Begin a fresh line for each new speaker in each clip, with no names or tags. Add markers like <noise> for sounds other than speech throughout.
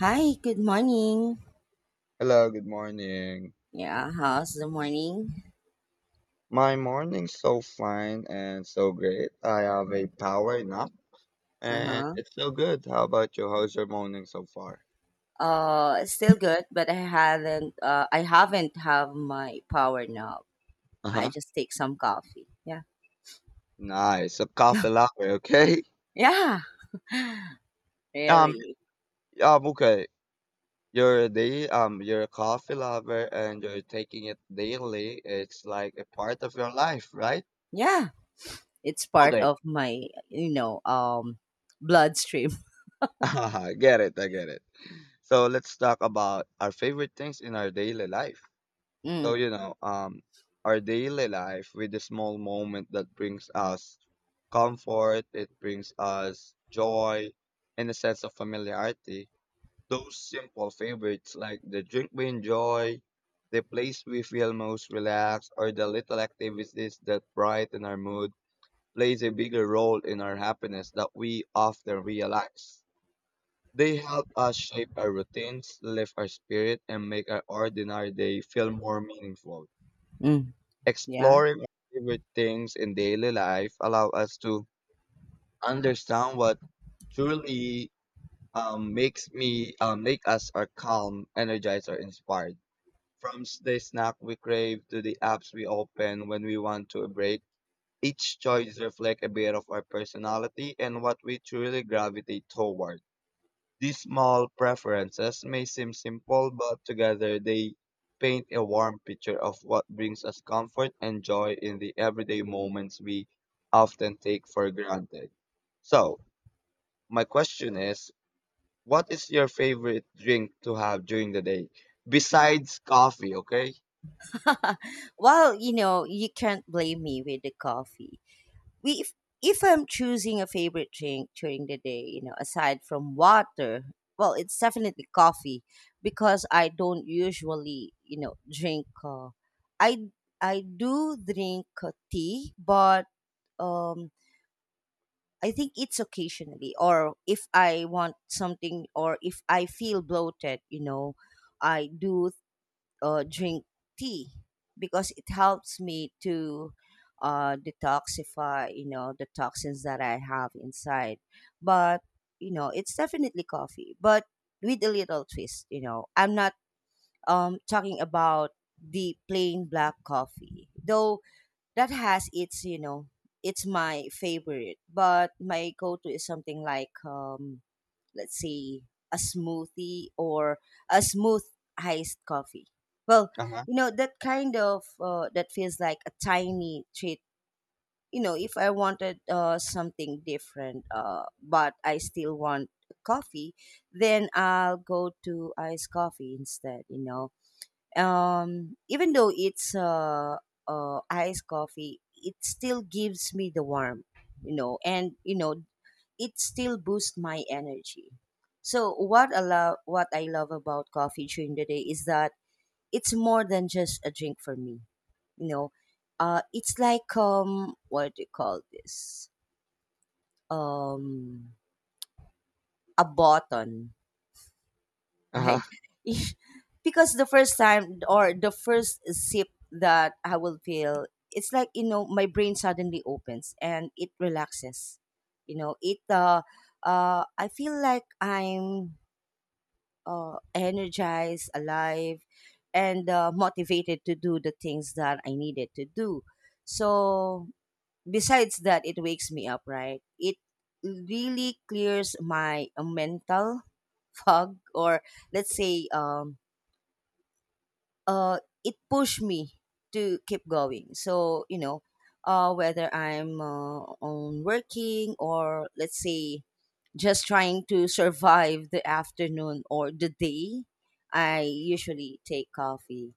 Hi, good morning.
Hello, good morning.
Yeah, how's the morning?
My morning's so fine and so great. I have a power nap and
Uh-huh.
it's so good. How about you? How's your morning so far?
Still good, but I haven't have my power nap. I
Uh-huh.
just take some coffee. Yeah.
Nice. A coffee
<laughs>
lover, okay? <laughs>
Yeah,
Um,
really.
okay. You're a coffee lover and you're taking it daily. It's like a part of your life, right?
Yeah, it's part
Okay.
of my, you know, um bloodstream. <laughs>
<laughs> I get it, I get it. So let's talk about our favorite things in our daily life. So,
Mm.
you know, our daily life with the small moment that brings us comfort, it brings us joy and a sense of familiarity. Those simple favorites like the drink we enjoy, the place we feel most relaxed, or the little activities that brighten our mood plays a bigger role in our happiness that we often realize. They help us shape our routines, lift our spirit, and make our ordinary day feel more meaningful.
Mm. Yeah.
Exploring our favorite things in daily life allow us to understand what truly make us are calm, energized, or inspired. From the snack we crave to the apps we open when we want to break, each choice reflects a bit of our personality and what we truly gravitate toward. These small preferences may seem simple, but together they paint a warm picture of what brings us comfort and joy in the everyday moments we often take for granted. So, my question is, what is your favorite drink to have during the day besides coffee, okay?
<laughs> Well, you know, you can't blame me with the coffee. We If I'm choosing a favorite drink during the day, you know, aside from water, well, it's definitely coffee because I don't usually, you know, drink. I I do drink tea, but um, I think it's occasionally, or if I want something, or if I feel bloated, you know, I do drink tea because it helps me to detoxify, you know, the toxins that I have inside. But you know, it's definitely coffee, but with a little twist. You know, I'm not talking about the plain black coffee, though that has its, it's my favorite. But my go-to is something like let's say a smoothie or a smooth iced coffee. Well,
Uh-huh.
you know that kind of that feels like a tiny treat. You know, if I wanted something different, but I still want coffee, then I'll go to iced coffee instead. You know, even though it's iced coffee, it still gives me the warmth. You know, and you know it still boosts my energy. So what I love about coffee during the day is that it's more than just a drink for me. You know, it's like what do you call this? Um, a button,
Uh-huh.
right? <laughs> Because the first time or the first sip that I will feel, it's like you know my brain suddenly opens and it relaxes. You know, it I feel like I'm energized, alive, and motivated to do the things that I needed to do. So, besides that, it wakes me up, right? It really clears my mental <laughs> fog, or let's say, uh, it pushed me to keep going. So you know, whether I'm on working or let's say just trying to survive the afternoon or the day, I usually take coffee.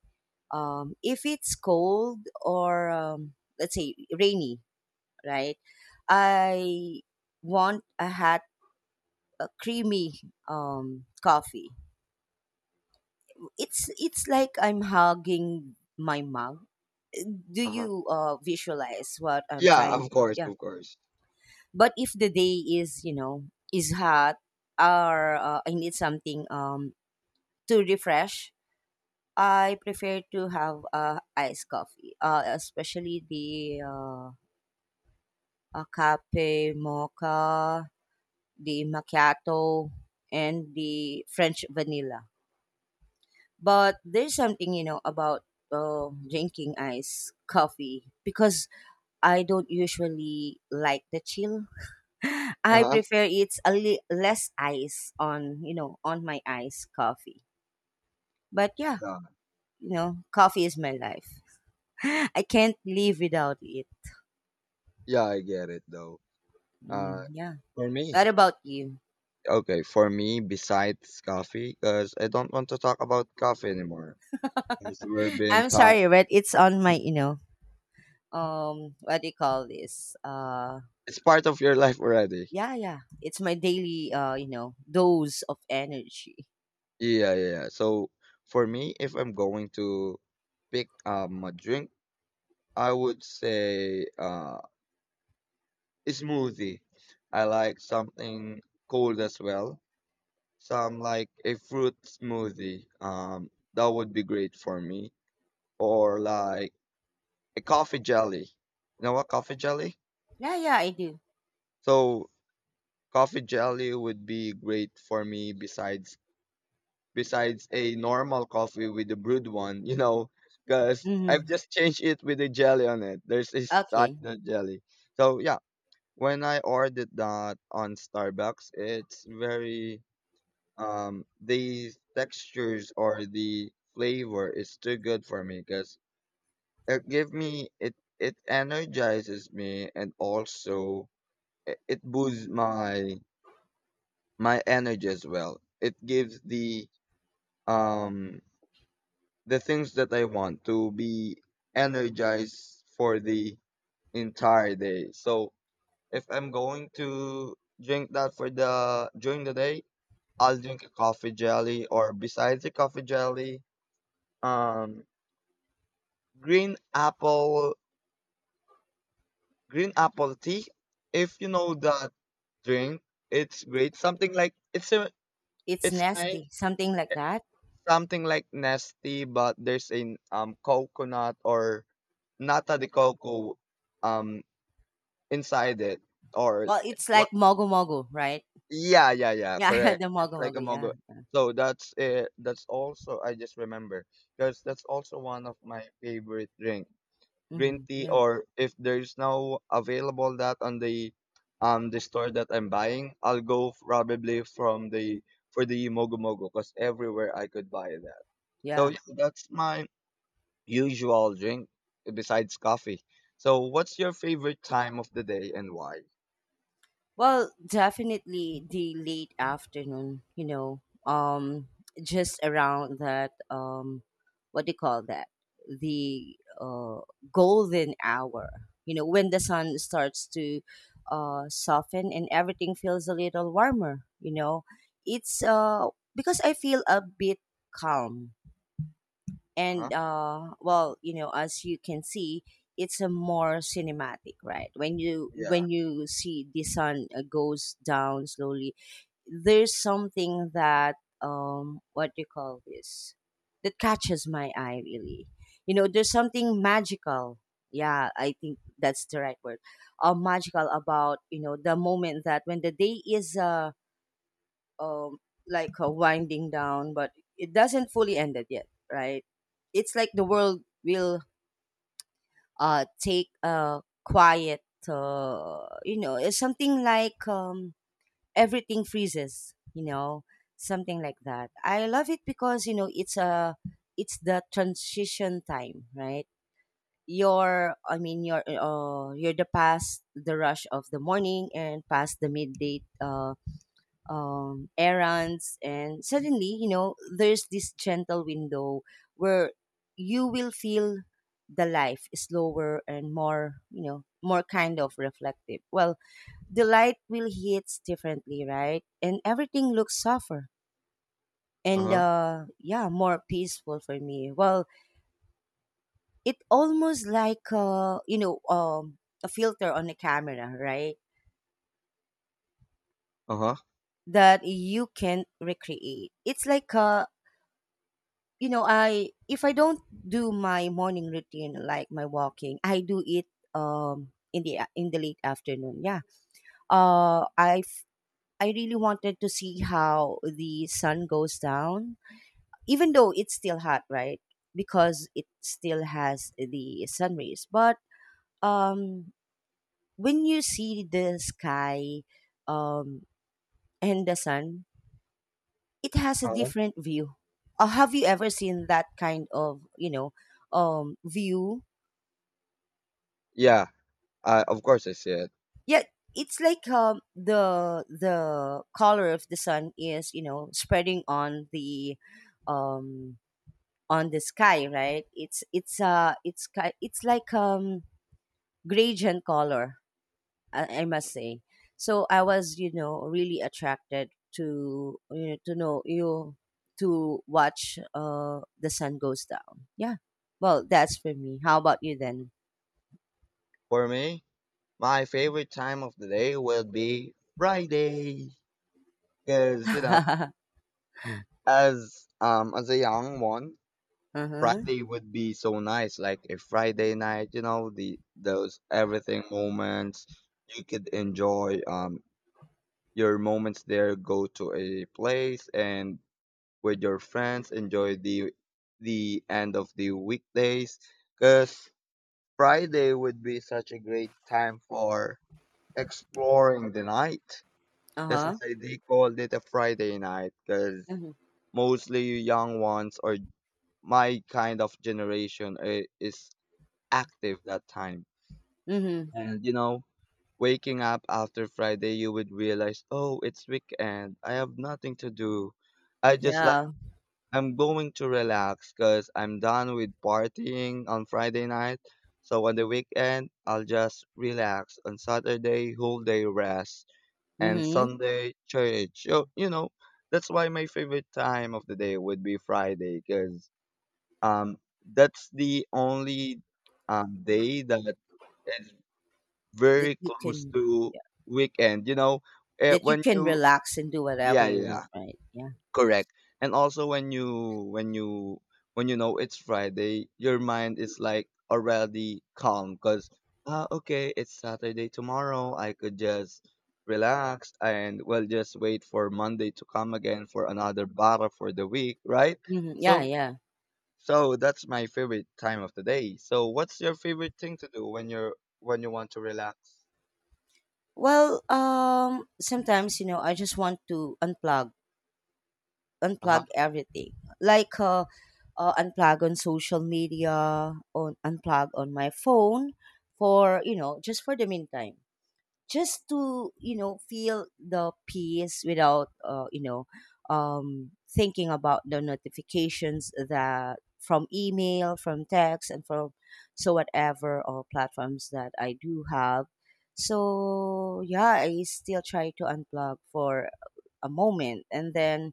If it's cold or let's say rainy, right? I want a hot, a creamy coffee it's like I'm hugging my mom. Do
Uh-huh.
you visualize what I'm
Yeah,
trying
of
to?
course,
Yeah.
of course.
But if the day is you know is hot or I need something to refresh, I prefer to have iced coffee. Especially the cafe mocha, the macchiato, and the French vanilla. But there's something, you know, about drinking iced coffee because I don't usually like the chill. <laughs> I
Uh-huh.
prefer less ice on, you know, on my iced coffee. But yeah,
Yeah.
you know, coffee is my life. <laughs> I can't live without it.
Yeah, I get it though. Uh
Mm, yeah.
for me,
What about you?
okay, for me, besides coffee, because I don't want to talk about coffee anymore. Because
<sighs>
we've
<laughs>
been
I'm
taught,
sorry, but it's on my,
<laughs>
you know, what do you call this?
it's part of your life already.
Yeah, yeah. It's my daily, you know, dose of energy.
Yeah, yeah, yeah. So for me, if I'm going to pick a drink, I would say a smoothie. I like something cold as well. Some like a fruit smoothie. That would be great for me. Or like a coffee jelly. You know what coffee jelly?
Yeah, yeah, I do.
So coffee jelly would be great for me besides a normal coffee with a brewed one, you know, because I've
Hmm.
just changed it with a jelly on it. There's a
Okay.
standard jelly. So yeah, when I ordered that on Starbucks, it's very the textures or the flavor is too good for me because it give me, it energizes me and also it boosts my energy as well. It gives um the things that I want to be energized for the entire day. So if I'm going to drink that for the during the day, I'll drink a coffee jelly or besides the coffee jelly, um green apple green apple tea. If you know that drink, it's great. Something like it's a
It's
it's kind
nasty, something like that.
something like nasty, but there's a coconut or nata de coco um inside it or
Well, it's like
what?
mogo mogo, right?
Yeah, yeah, yeah.
Yeah, <laughs>
Correct.
the
It's
mogo
like a
mogo. Yeah.
mogo. So that's it. That's also I just remember because that's also one of my favorite drink, green
Hmm.
tea.
Yeah.
Or if there's no available that on the store that I'm buying, I'll go probably from the for the mogo mogo because everywhere I could buy that. So
Yeah.
yeah, that's my usual drink besides coffee. So, what's your favorite time of the day and why?
Well, definitely the late afternoon, you know, just around that, what do you call that? The golden hour, you know, when the sun starts to soften and everything feels a little warmer, you know. It's Because I feel a bit calm
Uh huh.
and well, you know, as you can see, it's a more cinematic, right? When you
Yeah.
when you see the sun goes down slowly, there's something that what do you call this, that catches my eye, really. You know, there's something magical. Yeah, I think that's the right word. Uh, magical about, you know, the moment that when the day is um like winding down, but it doesn't fully end it yet, right? It's like the world will take a quiet, you know, it's something like everything freezes, you know, something like that. I love it because you know it's a, it's the transition time, right? your I mean your you're the past the rush of the morning and past the midday errands, and suddenly, you know, there's this gentle window where you will feel the life is slower and more, you know, more kind of reflective. Well, the light will hit differently, right? And everything looks softer
Uh
and
huh.
yeah, more peaceful for me. Well, it almost like you know a filter on a camera, right?
Uh huh.
That you can recreate. It's like a, you know, I, if I don't do my morning routine like my walking, I do it in the late afternoon. Yeah. Uh I f- I really wanted to see how the sun goes down, even though it's still hot, right? Because it still has the sun rays. But um when you see the sky um and the sun, it has a
Uh-huh.
different view. Have you ever seen that kind of, you know, view?
Yeah. Of course, I see it.
Yeah, it's like the color of the sun is, you know, spreading um on the sky, right? It's like gradient color, I must say. So I was, you know, really attracted to, you know, to know you, to watch the sun goes down. Yeah, well, that's for me. How about you then?
For me, my favorite time of the day will be Friday,
<laughs>
because you know,
uh-huh
as a young one,
uh-huh
Friday would be so nice, like a Friday night. You know, the those everything moments you could enjoy. Your moments there. Go to a place and with your friends, enjoy the end of the weekdays because Friday would be such a great time for exploring the night. That's
uh-huh
why they called it a Friday night because
mm-hmm.
mostly you young ones or my kind of generation is active that time.
Mm-hmm.
And you know, waking up after Friday, you would realize, oh, it's weekend. I have nothing to do. I just
Yeah.
I'm going to relax because I'm done with partying on Friday night. So on the weekend, I'll just relax. On Saturday, whole day rest. And
Mhm.
Sunday, church. You know, that's why my favorite time of the day would be Friday because um, that's the only day that is
that
very
you
close
can
to weekend. You know, eh,
that you
when
can
you,
relax and do whatever
yeah,
you want,
yeah.
right? Yeah.
Correct. And also when you when you know it's Friday, your mind is like already calm because ah okay, it's Saturday tomorrow. I could just relax and well just wait for Monday to come again for another battle for the week, right?
Mhm. Yeah,
So
yeah.
so that's my favorite time of the day. So what's your favorite thing to do when you're when you want to relax?
Well, sometimes you know I just want to unplug,
Uh-huh.
unplug everything, like unplug on social media, on unplug on my phone, for you know just for the meantime. Just to you know feel the peace without you know thinking about the notifications that from email, from text, and from so whatever or platforms that I do have. So yeah, I still try to unplug for a moment, and then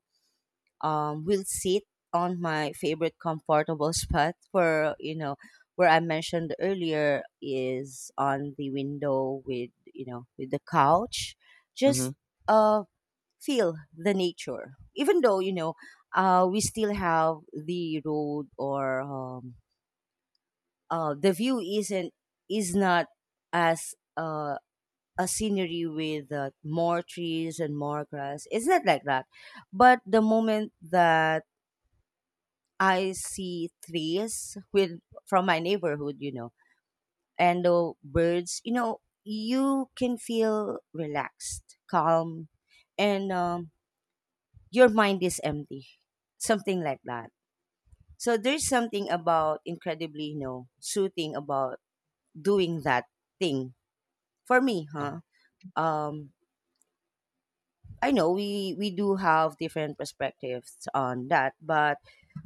will sit on my favorite comfortable spot where you know where I mentioned earlier is on the window with you know with the couch.
Mm-hmm.
Just uh, feel the nature, even though you know we still have the road or the view isn't is not as a scenery with more trees and more grass. It's not like that. But the moment that I see trees with from my neighborhood, you know, and the birds. You know, you can feel relaxed, calm, and your mind is empty, something like that. So there's something about incredibly, you know, soothing about doing that thing for me, huh?
Uh,
Um, I know we do have different perspectives on that, but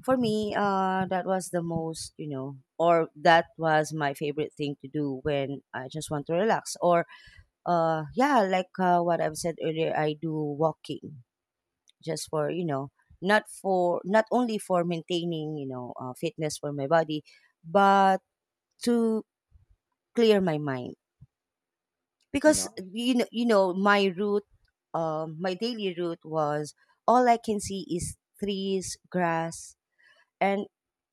for me, that was the most you know, or that was my favorite thing to do when I just want to relax. Or yeah, like what I've said earlier, I do walking just for you know, not only for maintaining you know fitness for my body, but to clear my mind because
no.
you know my route, my daily route was all I can see is trees, grass, and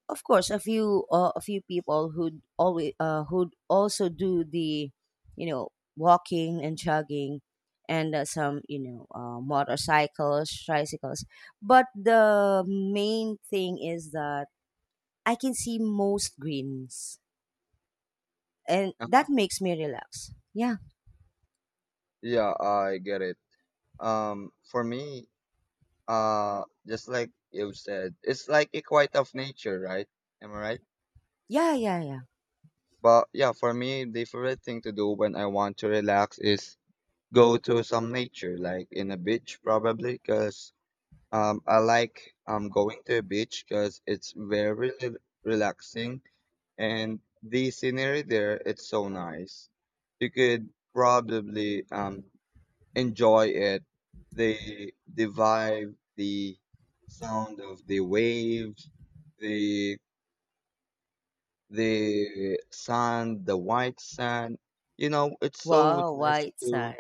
of course a few people who always who also do the you know walking and jogging, and some you know motorcycles, tricycles, but the main thing is that I can see most greens, and
Uh-huh.
that makes me relax. Yeah,
Yeah, I get it. For me, just like you said, it's like a quiet of nature, right? Am I right?
yeah, yeah, yeah.
But yeah, for me the favorite thing to do when I want to relax is go to some nature like in a beach probably because I like going to a beach because it's very rel- relaxing and the scenery there, it's so nice. You could probably enjoy it. The vibe, the sound of the waves, the the sand, the white sand. You know, it's so
Wow,
nice
white sun.
to.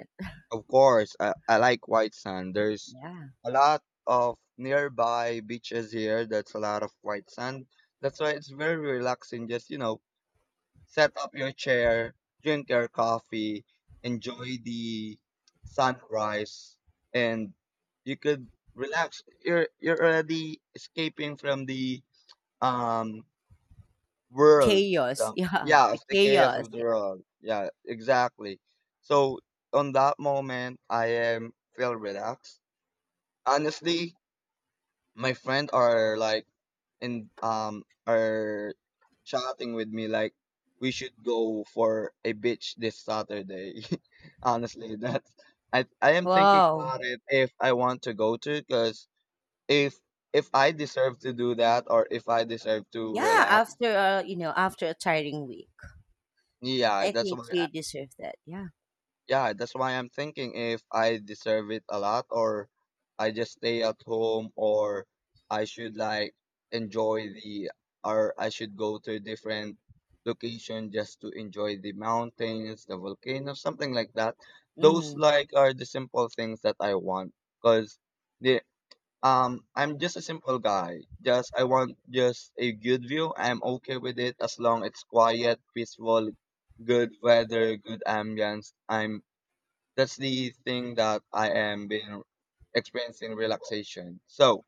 Of course, I like white sand. There's
Yeah.
a lot of nearby beaches here. That's a lot of white sand. That's why it's very relaxing. Just you know, set up your chair, drink your coffee, enjoy the sunrise, and you could relax. You're already escaping from the um world.
Chaos.
So,
<laughs> Yeah.
yeah,
The
it's the chaos
chaos.
of the
Yeah.
world. Yeah, exactly. So on that moment, I am feel relaxed. Honestly, my friend are like and are chatting with me like we should go for a beach this Saturday. <laughs> Honestly, that's I am thinking
Wow.
about it if I want to go to because if if I deserve to do that or if I deserve to
Yeah.
relax,
After, a you know, after a tiring week,
yeah,
I
that's
think
why.
you deserve that. Yeah.
Yeah, that's why I'm thinking if I deserve it a lot or I just stay at home or I should like enjoy the or I should go to a different location just to enjoy the mountains, the volcanoes, something like that. Those
Mm-hmm.
like are the simple things that I want because the I'm just a simple guy. Just I want just a good view. I'm okay with it as long it's quiet, peaceful, good weather, good ambience. I'm that's the thing that I am been experiencing relaxation. So,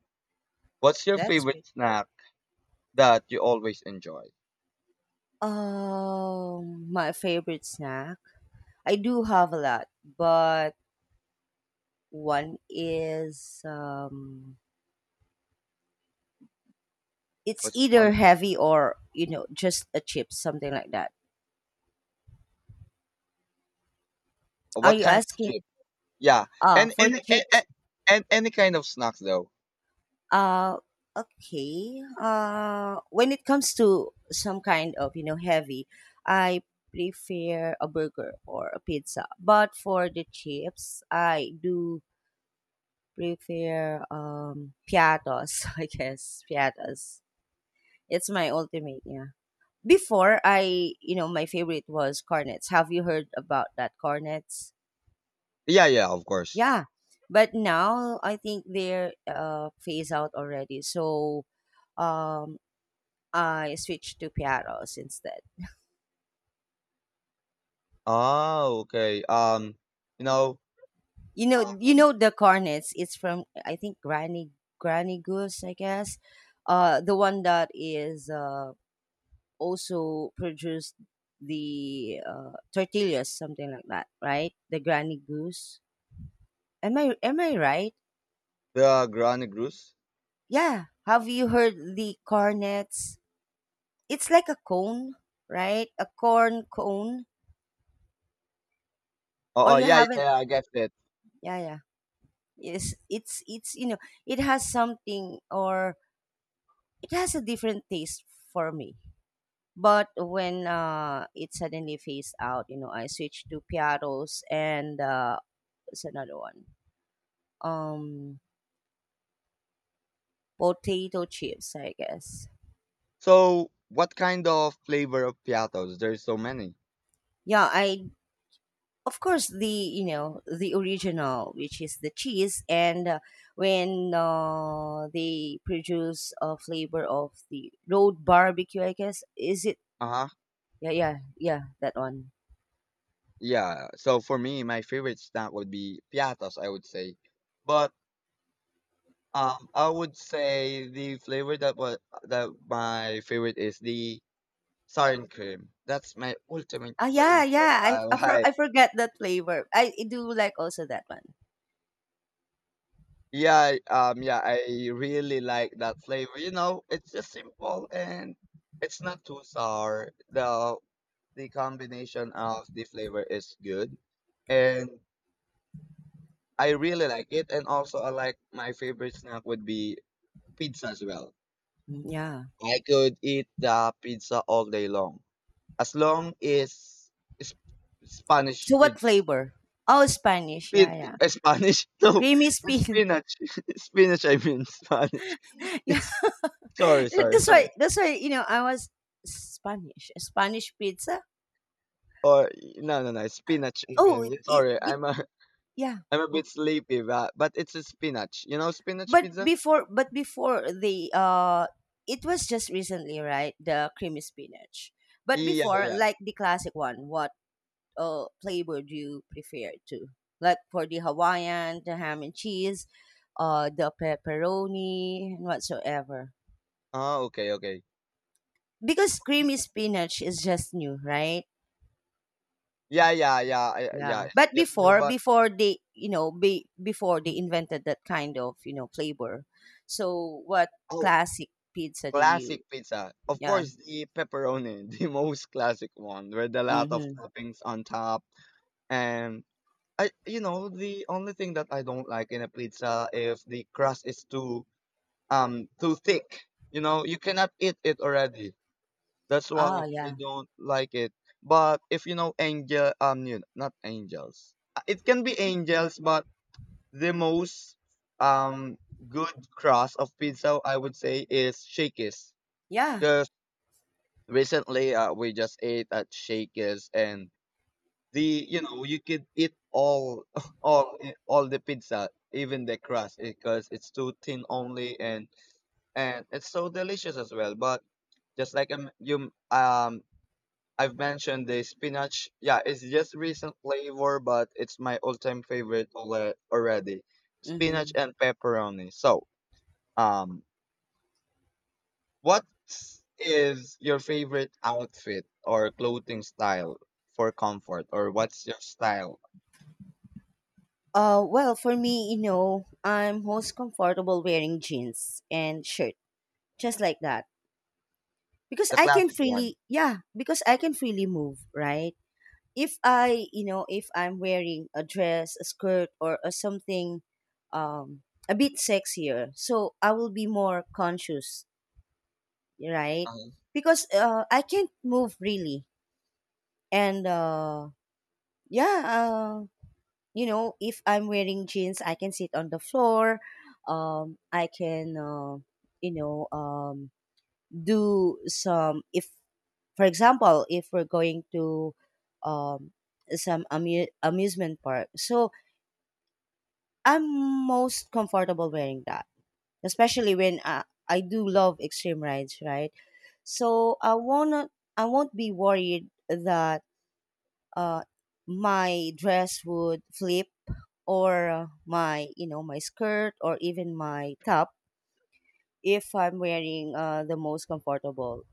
what's your
That's
favorite
great.
snack that you always enjoy?
My favorite snack. I do have a lot, but one is, it's
What's
either
one thing?
heavy or, you know, just a chip, something like that. Are
What
you
kind of
asking?
chip? Yeah,
Ah,
and
for
any and, and,
chips,
and any kind of snacks though.
Uh, okay. When it comes to some kind of you know heavy, I prefer a burger or a pizza. But for the chips, I do prefer piatos. <laughs> I guess piatos. It's my ultimate. Yeah. Before I, you know, my favorite was cornets. Have you heard about that cornets?
Yeah, yeah, of course.
Yeah. But now I think they're phase out already. So um I switched to Piaros instead.
Oh, okay. You know,
You
um,
know the cornets. It's from I think Granny Goose, I guess. The one that is also produced the tortillas, something like that, right? The Granny Goose. Am I right?
the Granny Goose.
Yeah. Have you heard the cornets? It's like a cone, right? A corn cone. Or
Oh, oh,
you
yeah, yeah,
haven't?
yeah, I guess it.
Yeah, yeah. Yes, it's you know it has something or it has a different taste for me. But when it suddenly phased out, you know, I switched to piatos and it's another one. Um, Potato chips, I guess.
So, what kind of flavor of piatos? There's so many.
Yeah, I of course the you know the original, which is the cheese, and when they produce a flavor of the road barbecue, I guess is it?
Uh huh.
Yeah, yeah, yeah, that one.
Yeah, so for me, my favorite snack would be piatas, I would say. But I would say the flavor that was that my favorite is the sour and cream. That's my ultimate
Ah, yeah,
flavor that
yeah.
I <laughs> like.
I forget that flavor. I do like also that one.
Yeah, yeah, I really like that flavor. You know, it's just simple and it's not too sour. The combination of the flavor is good, and I really like it. And also, I like my favorite snack would be pizza as well.
Mm, yeah.
I could eat the pizza all day long. As long as sp- Spanish
So what
pizza.
flavor? Oh, Spanish.
Spin,
Yeah, yeah.
Spanish? <laughs> No,
Creamy spin.
spinach. <laughs> Spinach, I mean Spanish.
<laughs> Yeah.
Sorry,
<laughs>
sorry,
That's why.
sorry.
That's why I was Spanish. Spanish pizza.
Or no, no, no, spinach. I
Oh,
mean,
it,
yeah,
it,
sorry,
it yeah.
<laughs> I'm a
B-
bit sleepy, but it's a spinach. You know spinach pizza?
But before the it was just recently, right? The creamy spinach. But
Yeah,
before,
yeah.
like the classic one, what. Flavor do you prefer to? Like for the Hawaiian, the ham and cheese, the pepperoni, and whatsoever.
Oh, okay, okay.
Because creamy spinach is just new, right?
Yeah, yeah, yeah, yeah.
Yeah,
It's
but
just no,
before
but
they you know be before they invented that kind of flavor, so what
oh,
classic pizza do
classic
you?
pizza. Of
Yeah.
course, the pepperoni, <laughs> the most classic one, with a lot of
Mm-hmm.
toppings on top. And I, you know, the only thing that I don't like in a pizza if the crust is too thick. You know, you cannot eat it already. That's
Ah,
why I
yeah,
don't like it. But if you know angel, you not angels. It can be angels, but the most um good crust of pizza I would say is Shakey's.
yeah.
Recently we just ate at Shakey's and the you know you could eat all <laughs> all all the pizza even the crust because it's too thin only and it's so delicious as well but just like you I've mentioned the spinach, yeah it's just recent flavor but it's my all-time favorite already, spinach
Mm-hmm.
and pepperoni, so um what is your favorite outfit or clothing style for comfort, or what's your style?
Well, for me, you know, I'm most comfortable wearing jeans and shirt, just like that. Because
The
I can
classic one.
freely, yeah, because I can freely move, right? If I, you know, if I'm wearing a dress, a skirt, or something, um a bit sexier, so I will be more conscious, right?
Uh-huh.
Because I can't move really. And uh yeah uh, you know, if I'm wearing jeans, I can sit on the floor. I can, you know, do some, if for example if we're going to um some amusement park, so I'm most comfortable wearing that, especially when I do love extreme rides, right? So I won't, I won't be worried that uh my dress would flip or, my you know my skirt or even my top, if I'm wearing the most comfortable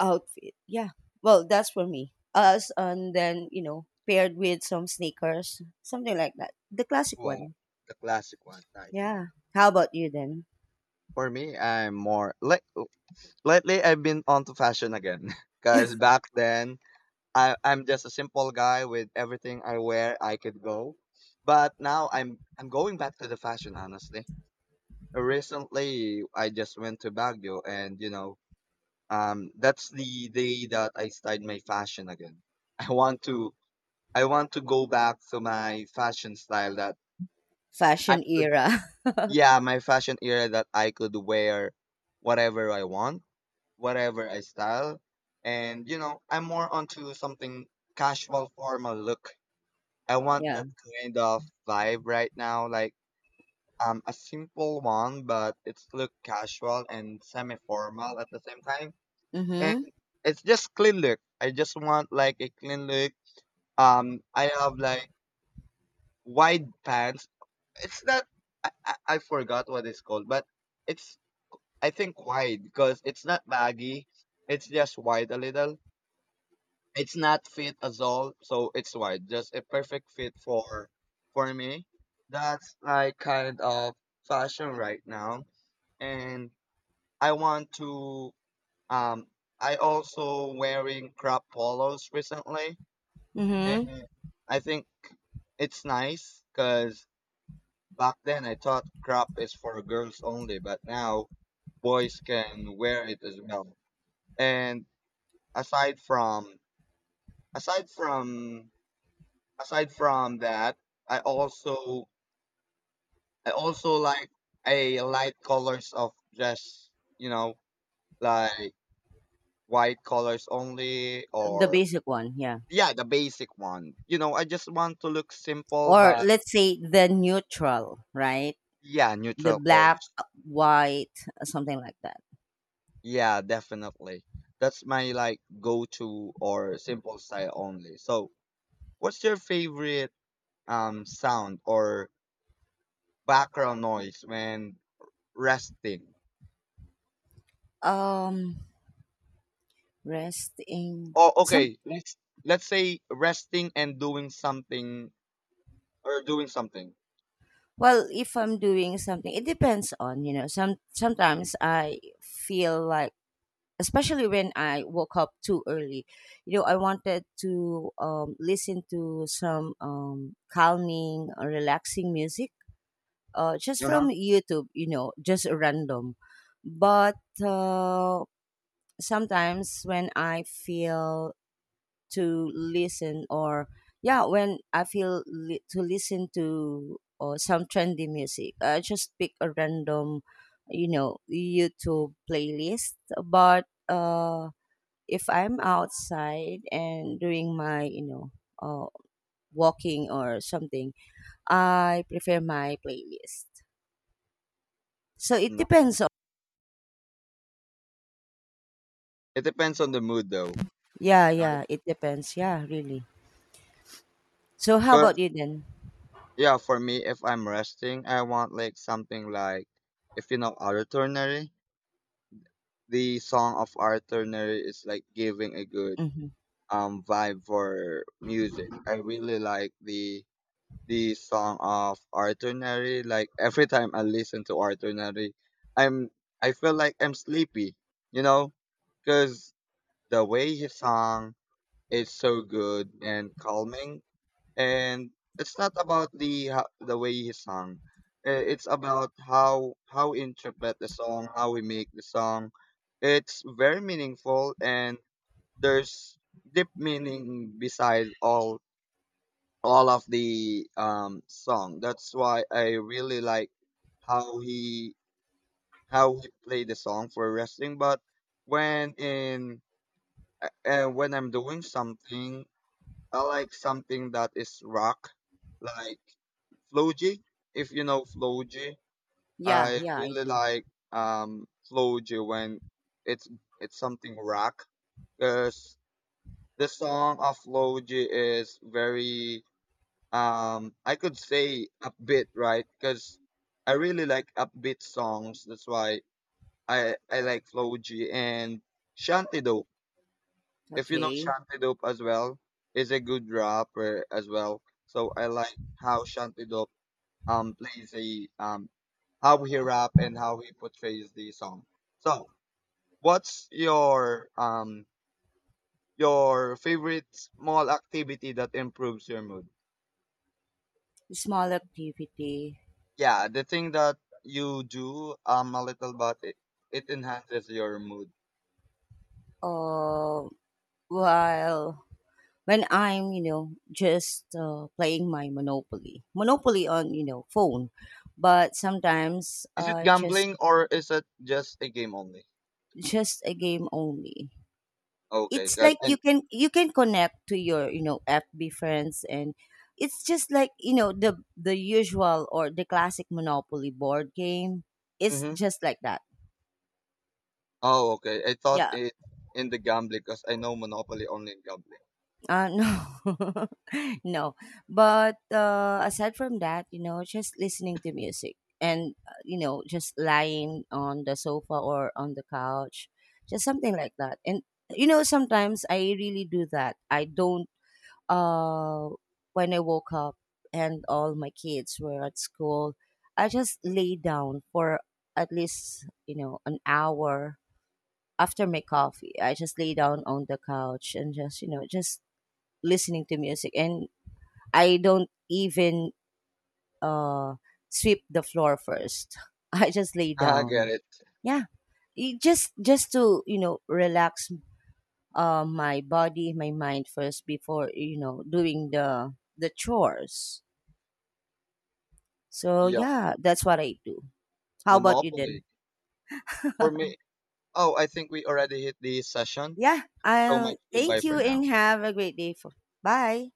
outfit. Yeah. Well, that's for me. Us, and then, you know, paired with some sneakers, something like that. The classic
Wow,
one.
the classic one. Nice.
Yeah. How about you then?
For me, I'm more like lately. I've been onto fashion again, <laughs> because back then I'm just a simple guy with everything I wear. I could go, but now I'm going back to the fashion. Honestly, recently I just went to Baguio, and you know that's the day that I started my fashion again. <laughs> I want to I want to go back to my fashion style that I
Fashion
could
era. <laughs>
yeah, my fashion era that I could wear whatever I want, whatever I style. And you know, I'm more onto something casual formal look. I want
Yeah.
that kind of vibe right now, like a simple one, but it's look casual and semi formal at the same time and
Mhm.
it's just clean look. I just want like a clean look. I have like wide pants. It's not. I forgot what it's called, but it's I think wide because it's not baggy. It's just wide a little. It's not fit as all, so it's wide. Just a perfect fit for me. That's like kind of fashion right now, and I want to um. I also wearing crop polos recently.
Mhm.
And I think it's nice because back then I thought crop is for girls only, but now boys can wear it as well. And aside from aside from aside from that, I also I also like a light colors of just you know like white colors only
The
or
basic one, yeah.
yeah the basic one. You know I just want to look simple
Or
but
let's say the neutral, right?
yeah
The
neutral
black,
colors.
white, something like that.
Yeah, definitely. That's my like go-to or simple style only. So, what's your favorite sound or background noise when resting?
Um Resting.
Oh,
Some.
okay. Let's say resting and doing something or doing something.
Well, if I'm doing something, it depends on, you know, sometimes I feel like, especially when I woke up too early. You know, I wanted to listen to some, calming, relaxing music, just
Uh-huh.
from YouTube, you know, just random. But uh, sometimes when I feel to listen, or yeah, when I feel to listen to some trendy music, I just pick a random, you know, YouTube playlist. But if I'm outside and doing my, you know, uh, walking or something, I prefer my playlist. So it
No.
depends. On,
It depends on the mood though,
yeah,
right?
yeah, it depends. Yeah, really. So how
'Cause,
about you then?
yeah, for me if I'm resting, I want like something like if you know Arthur Neri, the song of Arthur Neri is like giving a good
Mm-hmm.
vibe for music. I really like the song of Arthur Neri. Like every time I listen to Arthur Neri, I'm I feel like I'm sleepy, you know, because the way he sung is so good and calming, and it's not about the the way he sung. It's about how interpret the song, how we make the song. It's very meaningful and there's deep meaning beside all of the song. That's why I really like how he how he played the song for wrestling. But when in when I'm doing something, I like something that is rock, like Floji. If you know Floji,
Yeah,
I
yeah, I
really
do.
like Floji when it's it's something rock cause. The song of Loji is very I could say upbeat, right? Because I really like upbeat songs. That's why I like Loji and Shantidope. If you know
Okay.
Shantidope as well, is a good rapper as well. So I like how Shantidope plays a how he rap and how he portrays the song. So what's your favorite small activity that improves your mood?
Small activity.
Yeah, the thing that you do a little but it enhances your mood.
Uh, while when I'm, you know, just playing my Monopoly on, you know, phone, but sometimes
Is it gambling or is it just a game only?
just a game only.
Okay,
It's
cause
like you
and
can, you can connect to your, you know, FB friends, and it's just like, you know, the usual or the classic Monopoly board game. It's
mm-hmm.
just like that.
Oh okay, I thought
Yeah.
it in the gambling because I know Monopoly only in gambling.
No, <laughs> no. But aside from that, you know, just listening to music and, you know, just lying on the sofa or on the couch, just something like that. And you know, sometimes I really do that. I don't uh, when I woke up and all my kids were at school, I just lay down for at least, you know, an hour after my coffee. I just lay down on the couch and just, you know, just listening to music. And I don't even, uh, sweep the floor first. <laughs> I just lay
<laughs> Ah, I get
down.
it.
Yeah, it just to you know relax my body, my mind first, before you know doing the chores. So
Yeah,
yeah, that's what I do. How about you
Monopoly
then?
for
<laughs>
me. Oh, I think we already hit the session.
Yeah,
So
I'll
much. Goodbye
thank
for
you and
now.
have a great day. For, bye.